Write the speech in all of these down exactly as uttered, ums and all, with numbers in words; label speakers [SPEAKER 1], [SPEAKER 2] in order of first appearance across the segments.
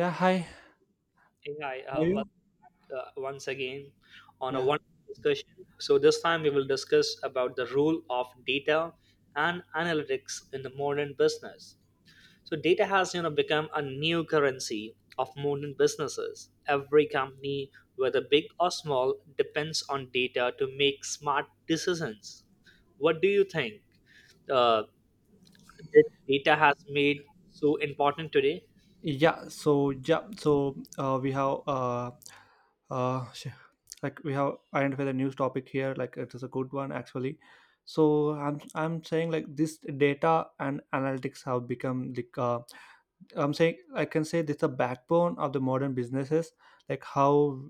[SPEAKER 1] Yeah, hi.
[SPEAKER 2] Hey, hi,
[SPEAKER 1] How
[SPEAKER 2] uh,
[SPEAKER 1] are you?
[SPEAKER 2] welcome back uh, once again on a
[SPEAKER 1] Yeah.
[SPEAKER 2] wonderful discussion. So this time we will discuss about the role of data and analytics in the modern business. So data has you know become a new currency of modern businesses. Every company, whether big or small, depends on data to make smart decisions. What do you think uh, that data has made so important today?
[SPEAKER 1] Yeah, so yeah, so uh, we have uh uh sh- like we have identified a news topic here, like it is a good one actually. So I'm I'm saying like this data and analytics have become like, uh, I'm saying I can say this the backbone of the modern businesses, like how,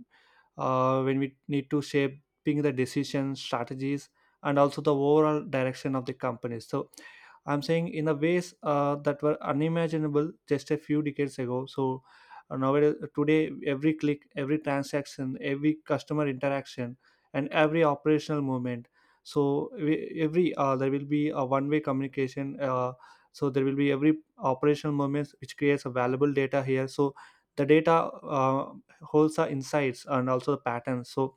[SPEAKER 1] uh, when we need to shaping the decision strategies and also the overall direction of the company. So I'm saying in a ways uh, that were unimaginable just a few decades ago. So uh, nowadays today every click, every transaction, every customer interaction, and every operational movement, so we- every uh, there will be a one way communication, uh, so there will be every operational moments which creates a valuable data here. So the data, uh, holds the insights and also the patterns. So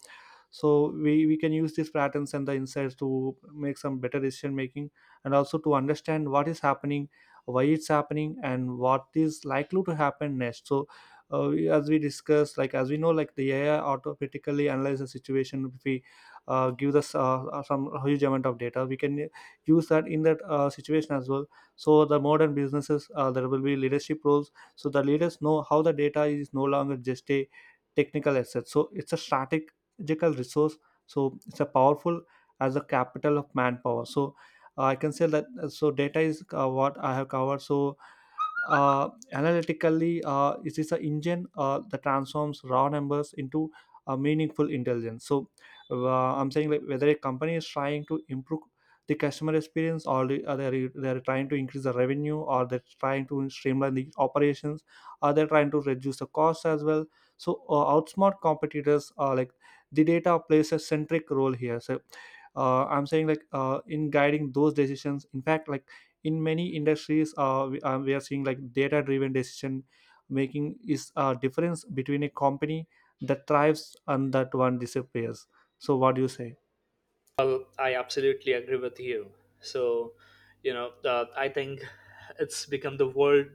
[SPEAKER 1] so we, we can use these patterns and the insights to make some better decision making and also to understand what is happening, why it's happening, and what is likely to happen next. So uh, we- as we discussed, like as we know, like the A I automatically analyze the situation if we uh, give us uh, uh, some huge amount of data, we can use that in that uh, situation as well. So the modern businesses, uh, there will be leadership roles. So the leaders know how the data is no longer just a technical assets. So it's a strategical resource. So it's a powerful as a capital of manpower. So uh, I can say that. uh, So data is uh, what I have covered. So uh, analytically, uh, it is an engine uh, that transforms raw numbers into a meaningful intelligence. So uh, I'm saying like whether a company is trying to improve the customer experience, or the- or they're, they're trying to increase the revenue, or they're trying to streamline the operations, or they're trying to reduce the cost as well, so uh, outsmart competitors are like the data plays a centric role here. So uh, I'm saying like, uh, in guiding those decisions. In fact, like in many industries, uh, we, uh, we are seeing like data driven decision making is a difference between a company that thrives and that one disappears. So what do you say?
[SPEAKER 2] Well, I absolutely agree with you. So, you know, uh, I think it's become the world.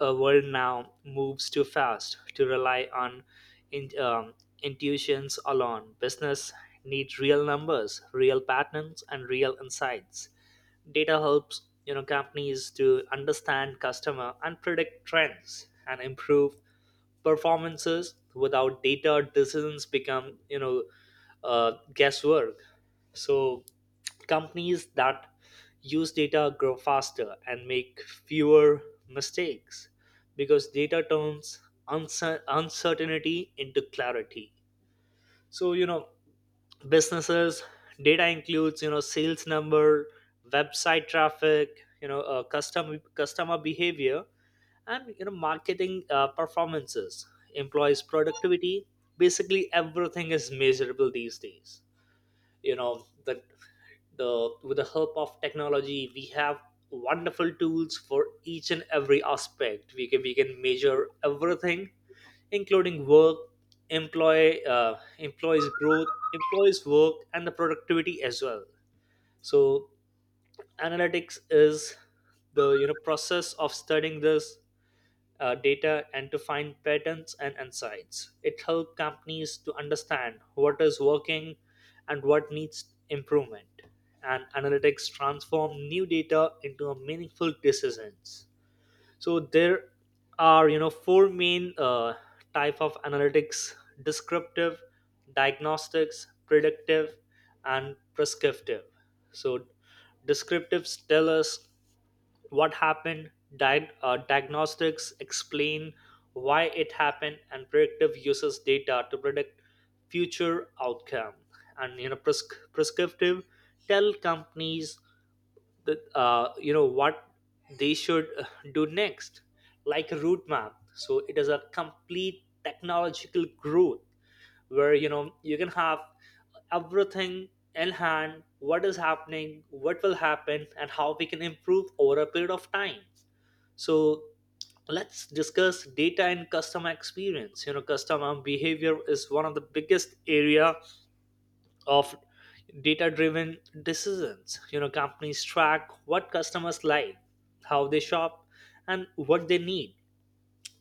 [SPEAKER 2] A world now moves too fast to rely on in, um, intuitions alone. Business needs real numbers, real patterns, and real insights. Data helps you know companies to understand customer and predict trends and improve performances. Without data, decisions become you know uh, guesswork. So companies that use data grow faster and make fewer mistakes because data turns uncer- uncertainty into clarity. So you know businesses data includes you know sales number, website traffic, you know uh, custom customer behavior, and you know marketing uh, performances, employees productivity. Basically everything is measurable these days. You know the the with the help of technology we have wonderful tools for each and every aspect. We can we can measure everything including work, employee uh, employees growth, employees work, and the productivity as well. So analytics is the you know process of studying this uh, data and to find patterns and insights. It helps companies to understand what is working and what needs improvement. And analytics transform new data into a meaningful decisions. So there are you know four main uh, type of analytics: descriptive, diagnostics, predictive, and prescriptive. So descriptives tell us what happened, di- uh, diagnostics explain why it happened, and predictive uses data to predict future outcome, and you know pres- prescriptive tell companies the uh, you know what they should uh, do next, like a route map. So it is a complete technological growth where you know you can have everything in hand: what is happening, what will happen, and how we can improve over a period of time. So let's discuss data and customer experience. You know customer behavior is one of the biggest area of data driven decisions. You know companies track what customers like, how they shop, and what they need,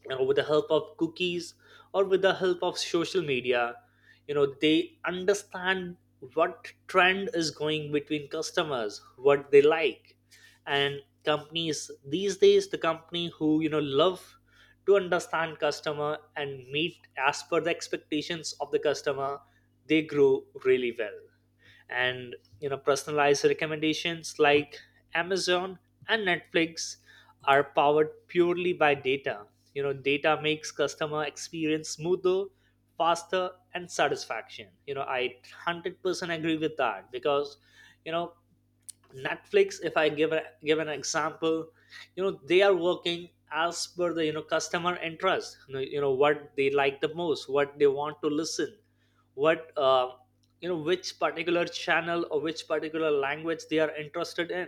[SPEAKER 2] you know with the help of cookies or with the help of social media. You know they understand what trend is going between customers, what they like. And companies these days, the company who you know love to understand customer and meet as per the expectations of the customer, they grow really well. And you know personalized recommendations like Amazon and Netflix are powered purely by data. You know data makes customer experience smoother, faster, and satisfaction. you know I one hundred percent agree with that because you know Netflix, if I give a give an example, you know they are working as per the you know customer interest. you know you know, what they like the most, what they want to listen, what uh, you know which particular channel or which particular language they are interested in.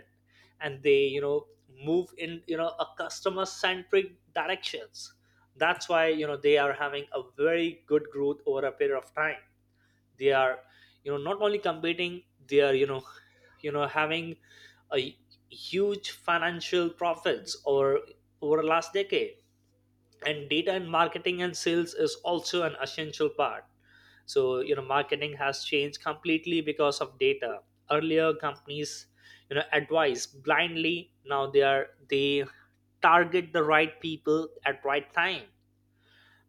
[SPEAKER 2] And they you know move in you know a customer centric directions. That's why you know they are having a very good growth over a period of time. They are you know not only competing, they are you know you know having a huge financial profits over over the last decade. And data and marketing and sales is also an essential part. So you know marketing has changed completely because of data. Earlier companies you know advise blindly, now they are they target the right people at right time,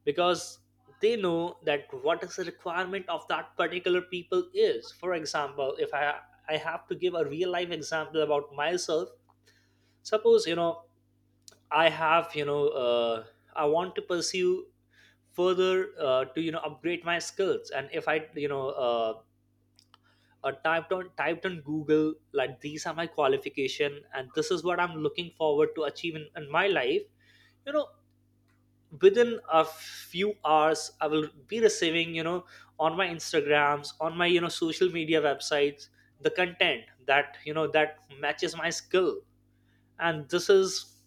[SPEAKER 2] because they know that what is the requirement of that particular people is. For example, if i i have to give a real life example about myself, suppose you know i have you know uh, I want to pursue further uh, to you know upgrade my skills, and if I you know uh, uh, typed on typed on Google like these are my qualification and this is what I'm looking forward to achieve in, in my life. you know Within a few hours I will be receiving you know on my Instagrams, on my you know social media websites, the content that you know that matches my skill. And this is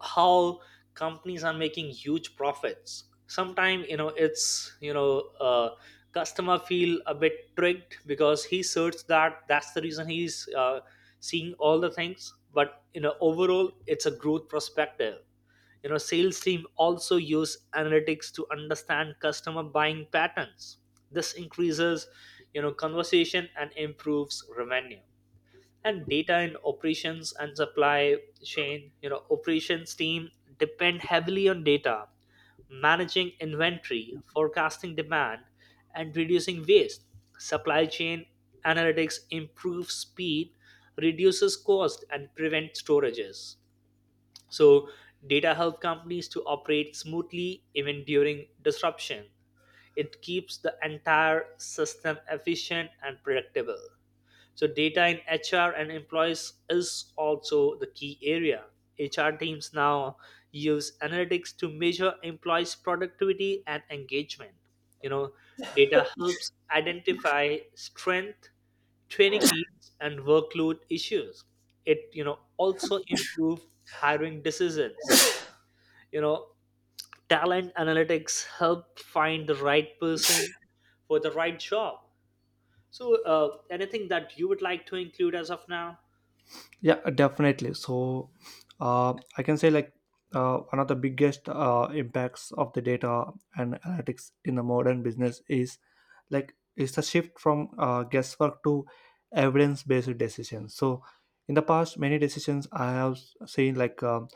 [SPEAKER 2] how companies are making huge profits. Sometimes you know it's you know uh, customer feel a bit tricked because he searched that, that's the reason he's uh, seeing all the things. But you know overall it's a growth perspective. You know sales team also use analytics to understand customer buying patterns. This increases you know conversation and improves revenue. And data and operations and supply chain, you know operations team depend heavily on data: managing inventory, forecasting demand, and reducing waste. Supply chain analytics improves speed, reduces cost, and prevents storages. So data help companies to operate smoothly even during disruption. It keeps the entire system efficient and predictable. So, data in H R and employees is also the key area. H R teams now use analytics to measure employees' productivity and engagement. You know, data helps identify strength, training needs, and workload issues. It, you know, also improve hiring decisions. You know, talent analytics help find the right person for the right job. So, uh, anything that you would like to include as of now?
[SPEAKER 1] Yeah, definitely. So uh, I can say like, uh, one of the biggest uh, impacts of the data and analytics in the modern business is like it's a shift from uh, guesswork to evidence-based decisions. So in the past, many decisions I have s- seen like, um,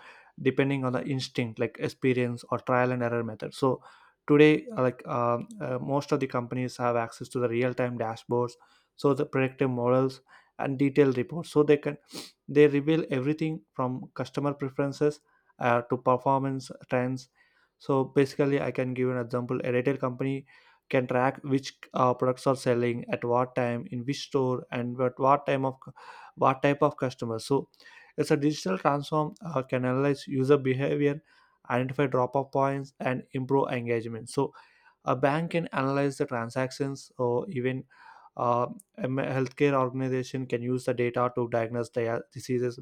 [SPEAKER 1] depending on the instinct, like experience or trial and error method. So today, uh, like um, uh, most of the companies have access to the real-time dashboards, so the predictive models and detailed reports, so they can they reveal everything from customer preferences, uh, to performance trends. So basically, I can give an example. A retail company can track which uh, products are selling at what time, in which store, and at what time of what type of customer. So it's a digital transform uh, can analyze user behavior, identify drop off points, and improve engagement. So a bank can analyze the transactions, or even uh, a m- healthcare organization can use the data to diagnose dia- diseases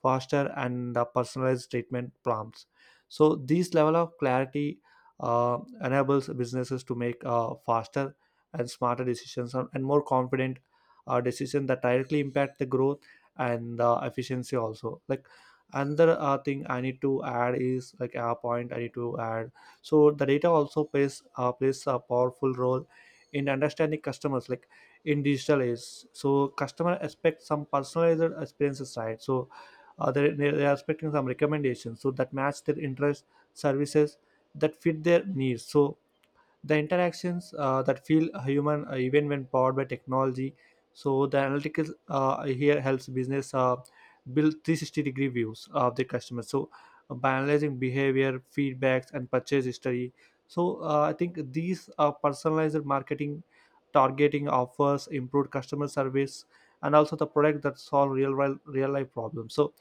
[SPEAKER 1] faster and uh, personalized treatment prompts. So this level of clarity uh, enables businesses to make uh, faster and smarter decisions, and and more confident uh, decisions that directly impact the growth and uh, efficiency also. Like another uh, thing I need to add is like a point I need to add. So the data also plays uh, plays a powerful role in understanding customers, like in digital age. So customer expect some personalized experiences, right? So uh, they they are expecting some recommendations so that match their interests, services that fit their needs. So the interactions uh, that feel human, uh, even when powered by technology. So the analytics uh, here helps business uh, build three hundred sixty degree views of the customer. So uh, by analyzing behavior feedbacks and purchase history. So uh, I think these uh, personalized marketing, targeting offers, improved customer service, and also the product that solve real real life problems. So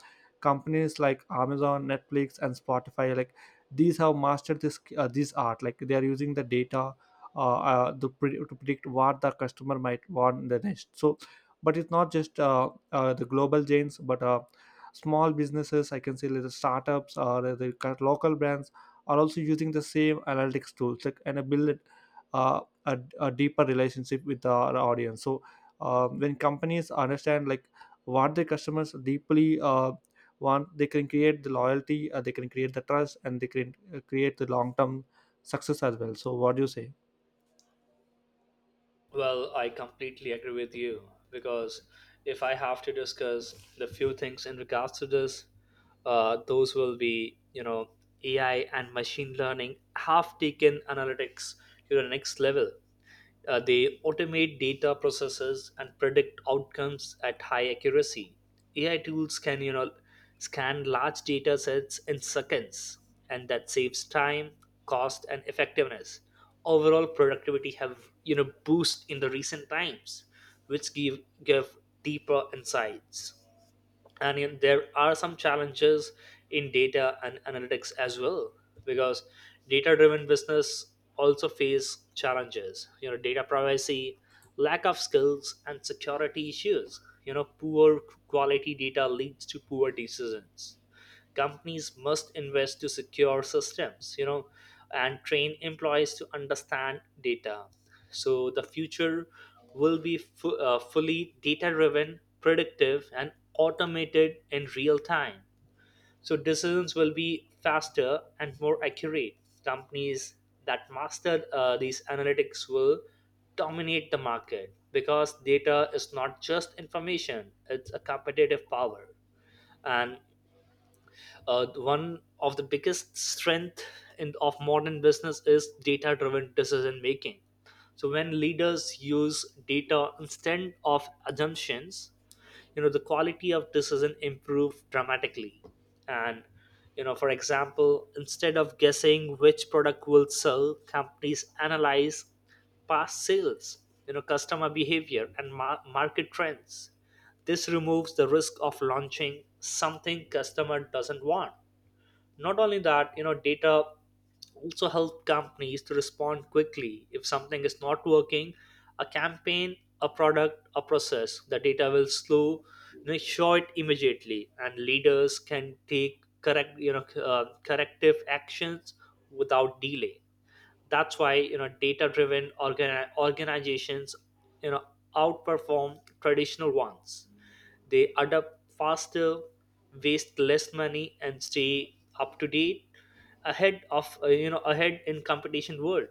[SPEAKER 1] companies like Amazon, Netflix, and Spotify, like these have mastered this, uh, this art. Like they are using the data, uh, uh, to, pre- to predict what the customer might want in the next. So but it's not just uh, uh, the global giants, but uh, small businesses, I can say, like the startups or the the cur- local brands are also using the same analytics tools, like and build uh, a, a deeper relationship with the audience. So uh, when companies understand like what their customers deeply, uh, one they can create the loyalty, uh, they can create the trust, and they can uh, create the long term success as well. So what do you say?
[SPEAKER 2] Well, I completely agree with you, because if I have to discuss the few things in regards to this, uh, those will be, you know, A I and machine learning have taken analytics to the next level. Uh, they automate data processes and predict outcomes at high accuracy. A I tools can you know scan large data sets in seconds, and that saves time, cost, and effectiveness. Overall productivity have you know boost in the recent times, which give give deeper insights. And yet there are some challenges in data and analytics as well, because data driven business also face challenges. You know data privacy, lack of skills, and security issues. You know poor quality data leads to poor decisions. Companies must invest to secure systems, you know and train employees to understand data. So the future will be fu- uh, fully data driven, predictive, and automated in real time. So decisions will be faster and more accurate. Companies that master uh, these analytics will dominate the market, because data is not just information, it's a competitive power. And uh, one of the biggest strength in, of modern business is data driven decision making. So when leaders use data instead of assumptions, you know the quality of decision improve dramatically. And you know for example, instead of guessing which product will sell, companies analyze past sales, you know customer behavior and mar- market trends. This removes the risk of launching something customer doesn't want. Not only that, you know, data also help companies to respond quickly. If something is not working, a campaign, a product, a process, the data will slow, you know, show it immediately, and leaders can take correct, you know, uh, corrective actions without delay. That's why you know data-driven organi- organizations, you know, outperform traditional ones. They adapt faster, waste less money, and stay up to date ahead of uh, you know ahead in competition world.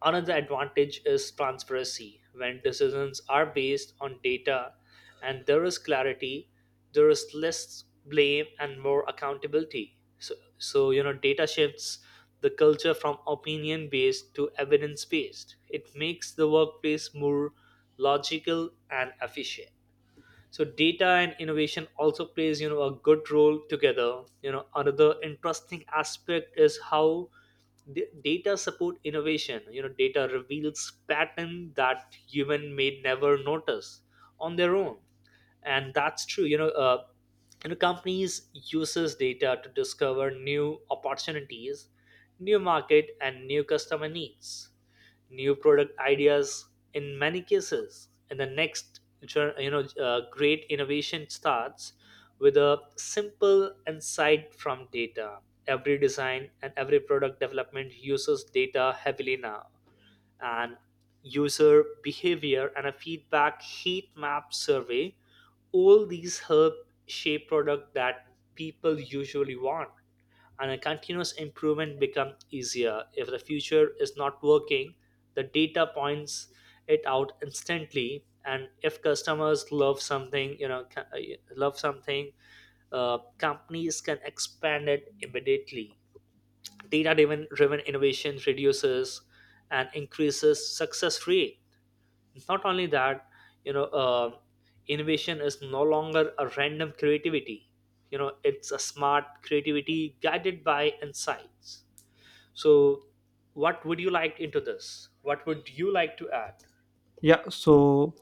[SPEAKER 2] Another advantage is transparency. When decisions are based on data and there is clarity, there is less blame and more accountability. So, so you know, data shifts the culture from opinion based to evidence based. It makes the workplace more logical and efficient. So data and innovation also plays you know a good role together. You know another interesting aspect is how d- data support innovation. You know data reveals pattern that human may never notice on their own. And that's true. You know uh, you know companies uses data to discover new opportunities, new market and new customer needs, new product ideas. In many cases, in the next jour- you know uh, great innovation starts with a simple insight from data. Every design and every product development uses data heavily now. And user behavior and a feedback heat map survey, all these help shape product that people usually want. And a continuous improvement become easier. If the future is not working, the data points it out instantly. And if customers love something, you know ca- uh, love something, uh, companies can expand it immediately. Data driven driven innovation reduces and increases success rate. It's not only that, you know, uh, innovation is no longer a random creativity. You know, it's a smart creativity guided by insights. So, what would you like into this? What would you like to add?
[SPEAKER 1] Yeah, so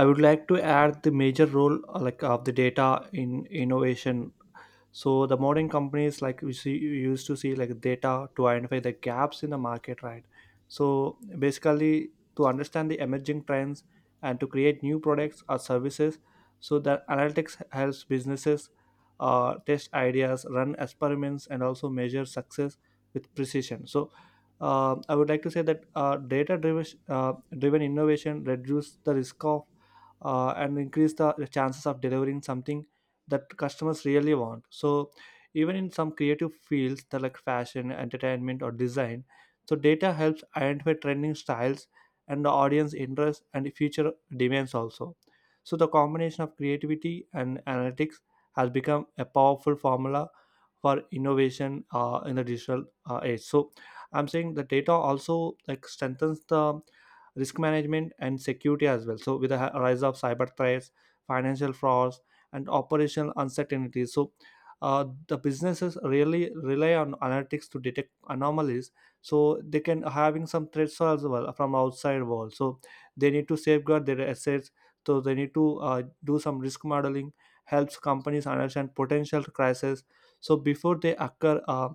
[SPEAKER 1] I would like to add the major role uh, like of the data in innovation. So the modern companies, like we see you used to see like data to identify the gaps in the market, right? So basically to understand the emerging trends and to create new products or services. So the analytics helps businesses uh, test ideas, run experiments, and also measure success with precision. So uh, I would like to say that uh, data driven uh, driven innovation reduce the risk of, uh, and increase the chances of delivering something that customers really want. So even in some creative fields, that like fashion, entertainment, or design, so data helps identify trending styles and the audience interest and future demands also. So the combination of creativity and analytics has become a powerful formula for innovation uh, in the digital uh, age. So I'm saying the data also like strengthens the risk management and security as well. So with the hi- rise of cyber threats, financial frauds, and operational uncertainty. So uh, the businesses really rely on analytics to detect anomalies, so they can having some threats as well from outside world. So they need to safeguard their assets, so they need to uh, do some risk modeling, helps companies understand potential crises, so before they occur, uh,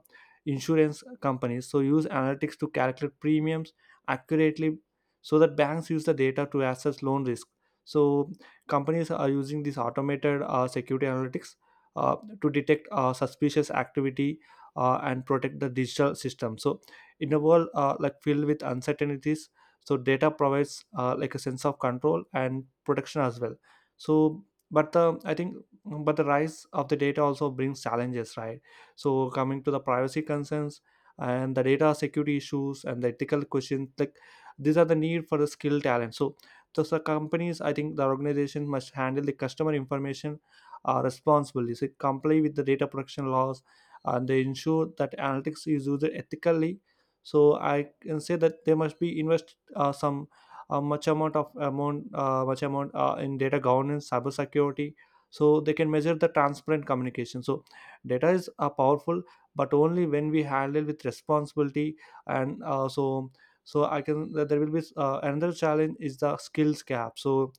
[SPEAKER 1] insurance companies so use analytics to calculate premiums accurately, so that banks use the data to assess loan risk. So companies are using these automated uh, security analytics, uh, to detect uh, suspicious activity, uh, and protect the digital system. So in a world uh, like filled with uncertainties, so data provides, uh, like a sense of control and protection as well. So but the, I think but the rise of the data also brings challenges, right? So coming to the privacy concerns and the data security issues and the ethical questions, like these are the need for the skill talent. So so, so companies, I think the organization must handle the customer information uh, responsibly. So comply with the data protection laws, and they ensure that analytics is used ethically. So I can say that they must be invest uh, some uh, much amount of amount uh, much amount uh, in data governance, cybersecurity. So they can measure the transparent communication. So data is, uh, powerful, but only when we handle with responsibility. And uh, so so I can there will be uh, another challenge is the skills gap. So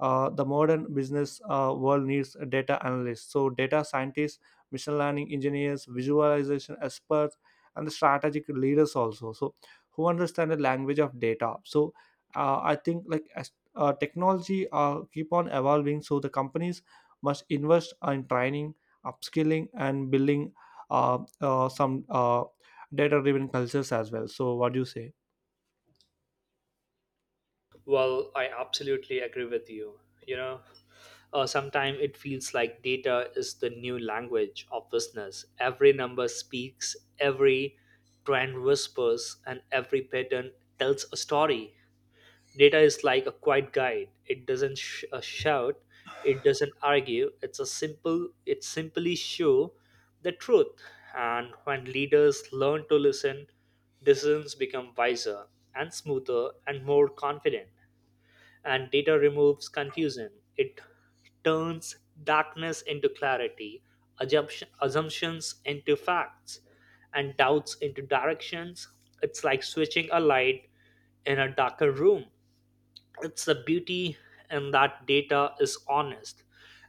[SPEAKER 1] uh, the modern business uh, world needs a data analysts, so data scientists, machine learning engineers, visualization experts, and the strategic leaders also. So who understand the language of data. So uh, I think like as uh, technology uh, keep on evolving, so the companies must invest in training, upskilling, and building uh, uh, some uh, data driven cultures as well. So what do you say?
[SPEAKER 2] Well, I absolutely agree with you. You know, uh, sometimes it feels like data is the new language of business. Every number speaks, every trend whispers, and every pattern tells a story. Data is like a quiet guide. It doesn't sh- uh, shout, it doesn't argue. It's a simple it simply show the truth. And when leaders learn to listen, decisions become wiser and smoother and more confident. And data removes confusion. It turns darkness into clarity, assumption- assumptions into facts, and doubts into directions. It's like switching a light in a darker room. It's the beauty and that data is honest,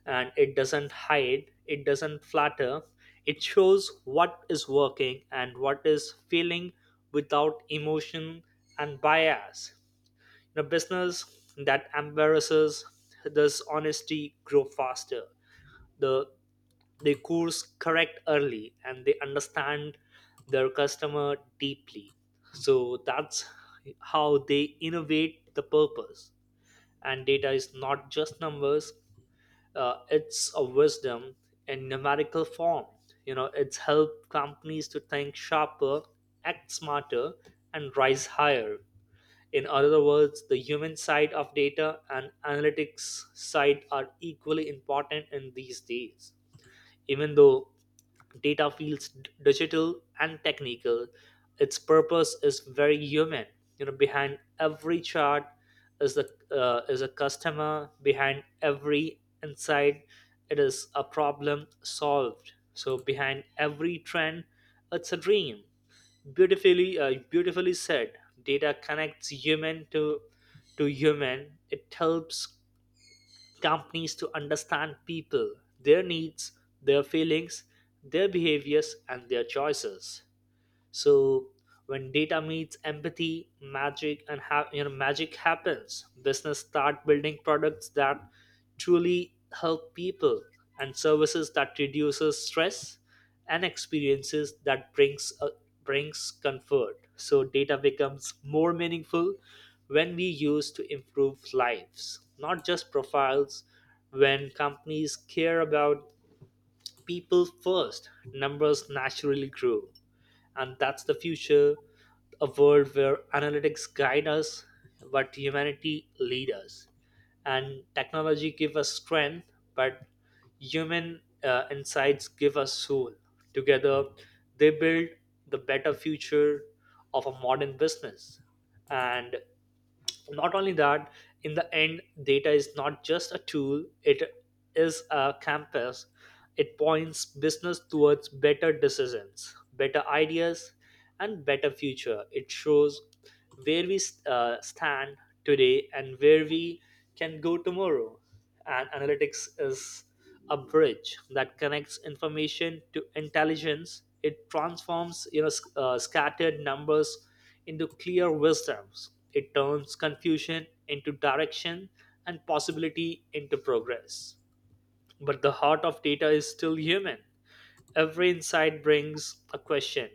[SPEAKER 2] and it doesn't hide, it doesn't flatter. It shows what is working and what is failing, without emotion and bias. In a business that embarrasses this honesty, grow faster. the they course correct early and they understand their customer deeply. So that's how they innovate the purpose. And data is not just numbers, uh, it's a wisdom in numerical form. You know it's helped companies to think sharper, act smarter, and rise higher. In other words, the human side of data and analytics side are equally important in these days. Even though data feels d- digital and technical, its purpose is very human. You know, behind every chart is the uh, is a customer. Behind every insight, it is a problem solved. So behind every trend, it's a dream. Beautifully, uh, beautifully said. Data connects human to to human. It helps companies to understand people, their needs, their feelings, their behaviors, and their choices. So when data meets empathy, magic and ha- you know magic happens. Business start building products that truly help people, and services that reduces stress, and experiences that brings uh, brings comfort. So data becomes more meaningful when we use to improve lives, not just profiles. When companies care about people first, numbers naturally grow, and that's the future, a world where analytics guide us but humanity lead us, and technology give us strength but human uh, insights give us soul. Together, they build the better future of a modern business. And not only that, in the end, data is not just a tool, it is a compass. It points business towards better decisions, better ideas, and better future. It shows where we uh, stand today and where we can go tomorrow. And analytics is a bridge that connects information to intelligence. It transforms, you know sc- uh, scattered numbers into clear wisdoms. It turns confusion into direction and possibility into progress. But the heart of data is still human. Every insight brings a question.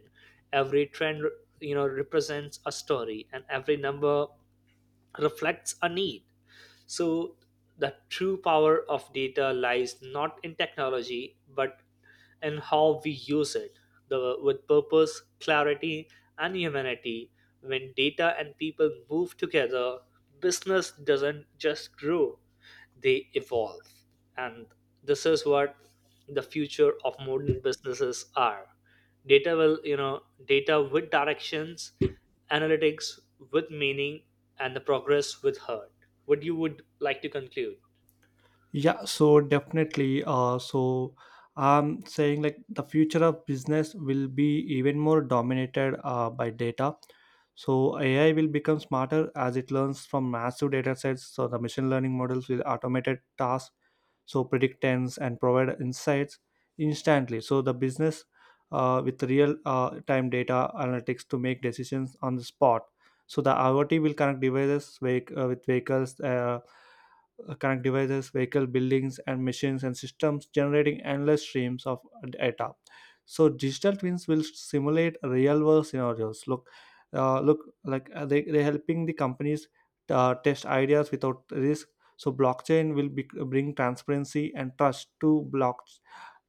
[SPEAKER 2] Every trend, you know represents a story, and every number reflects a need. So the true power of data lies not in technology but in how we use it the, with purpose, clarity, and humanity. When data and people move together, business doesn't just grow, they evolve. And this is what the future of modern businesses are. Data will, you know data with directions, analytics with meaning, and the progress with heart. What you would like to conclude?
[SPEAKER 1] Yeah, so definitely. Uh, so I'm saying like the future of business will be even more dominated uh, by data. So A I will become smarter as it learns from massive data sets. So the machine learning models will automate tasks, so predict trends and provide insights instantly. So the business uh, with real uh, time data analytics to make decisions on the spot. So the I o T will connect devices vehic- uh, with vehicles. Uh, uh, connect devices, vehicle, buildings, and machines and systems, generating endless streams of data. So digital twins will simulate real world scenarios. Look, uh, look like uh, they they're helping the companies uh, test ideas without risk. So blockchain will be, bring transparency and trust to block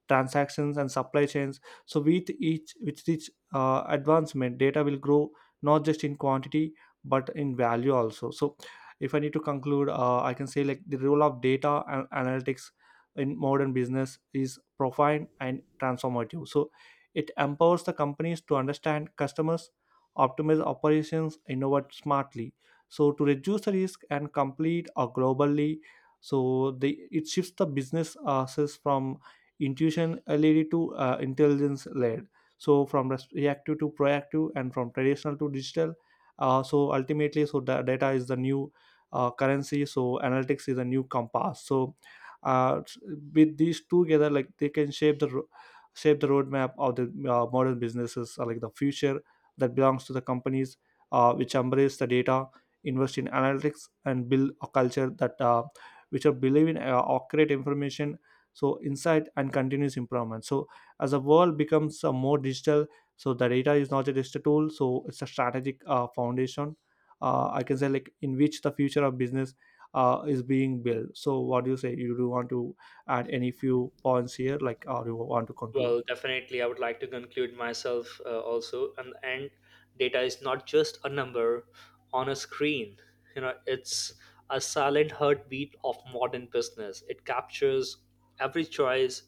[SPEAKER 1] transactions and supply chains. So with each with each uh, advancement, data will grow not just in quantity but in value also. So if I need to conclude, uh, I can say like the role of data and analytics in modern business is profound and transformative. So it empowers the companies to understand customers, optimize operations, innovate smartly, so to reduce the risk and complete or globally. So they it shifts the business uh, process from intuition, uh, led to uh, intelligence led, so from res- reactive to proactive, and from traditional to digital. Uh, so ultimately, so da- data is the new uh, currency. So analytics is a new compass. So uh, s- with these two together, like they can shape the ro- shape the roadmap of the uh, modern businesses, uh, like the future that belongs to the companies uh, which embrace the data, invest in analytics, and build a culture that, uh, which are believe in uh, accurate information, so insight and continuous improvement. So as the world becomes uh, more digital, so the data is not just a tool, so it's a strategic uh, foundation, uh, I can say, like in which the future of business uh, is being built. So what do you say? You do want to add any few points here, like, or you want to conclude?
[SPEAKER 2] Well, definitely I would like to conclude myself, uh, also. And and data is not just a number on a screen. You know, it's a silent heartbeat of modern business. It captures every choice,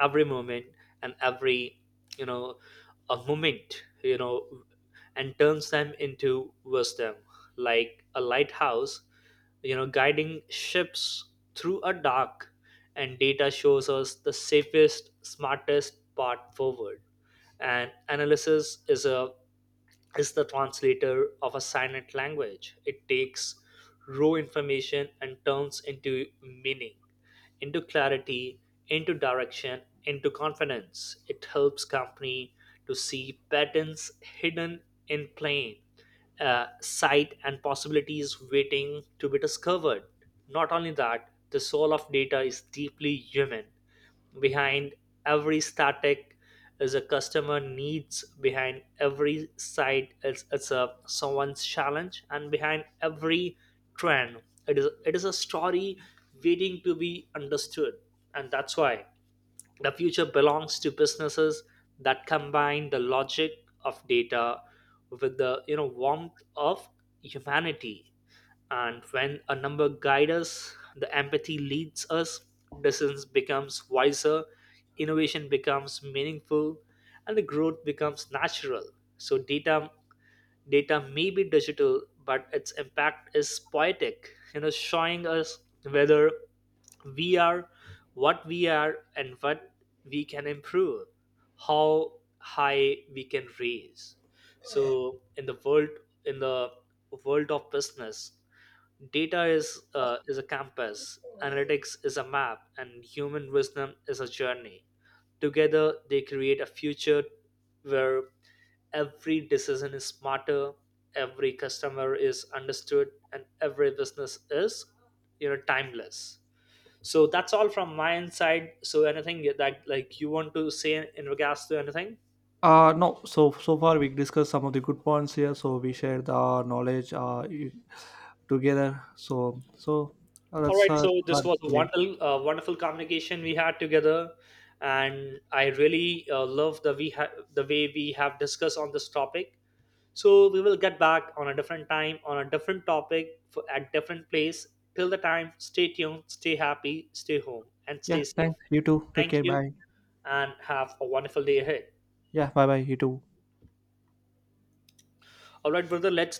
[SPEAKER 2] every moment, and every, you know a moment, you know, and turns them into wisdom. Like a lighthouse, you know, guiding ships through a dark. And data shows us the safest, smartest path forward. And analysis is a is the translator of a silent language. It takes raw information and turns into meaning, into clarity, into direction, into confidence. It helps company to see patterns hidden in plain uh, sight, and possibilities waiting to be discovered. Not only that, the soul of data is deeply human. Behind every static is a customer needs. Behind every site, it's, it's a someone's challenge. And behind every trend, it is it is a story waiting to be understood. And that's why the future belongs to businesses that combine the logic of data with the, you know warmth of humanity. And when a number guides us, the empathy leads us, decisions becomes wiser, innovation becomes meaningful, and the growth becomes natural. So data data may be digital, but its impact is poetic, you know, showing us whether we are what we are, and what we can improve, how high we can raise. So in the world in the world of business, data is uh, is a compass, analytics is a map, and human wisdom is a journey. Together, they create a future where every decision is smarter, every customer is understood, and every business is, you know, timeless. So that's all from my inside. So anything that like you want to say in regards to anything?
[SPEAKER 1] Uh no, so so far we discussed some of the good points here, so we shared the knowledge uh you- together. So so uh,
[SPEAKER 2] All
[SPEAKER 1] that's
[SPEAKER 2] right,
[SPEAKER 1] uh
[SPEAKER 2] so this
[SPEAKER 1] for
[SPEAKER 2] was a
[SPEAKER 1] today.
[SPEAKER 2] wonderful, uh, wonderful communication we had together, and I really uh, love the we ha- the way we have discussed on this topic. So we will get back on a different time on a different topic for, at different place. Till the time, stay tuned, stay happy, stay home, and
[SPEAKER 1] Yeah,
[SPEAKER 2] stay safe.
[SPEAKER 1] thanks. You too, take
[SPEAKER 2] Thank
[SPEAKER 1] care.
[SPEAKER 2] you,
[SPEAKER 1] Bye.
[SPEAKER 2] and have a wonderful day ahead.
[SPEAKER 1] Yeah, bye bye. You too.
[SPEAKER 2] All right, brother, let's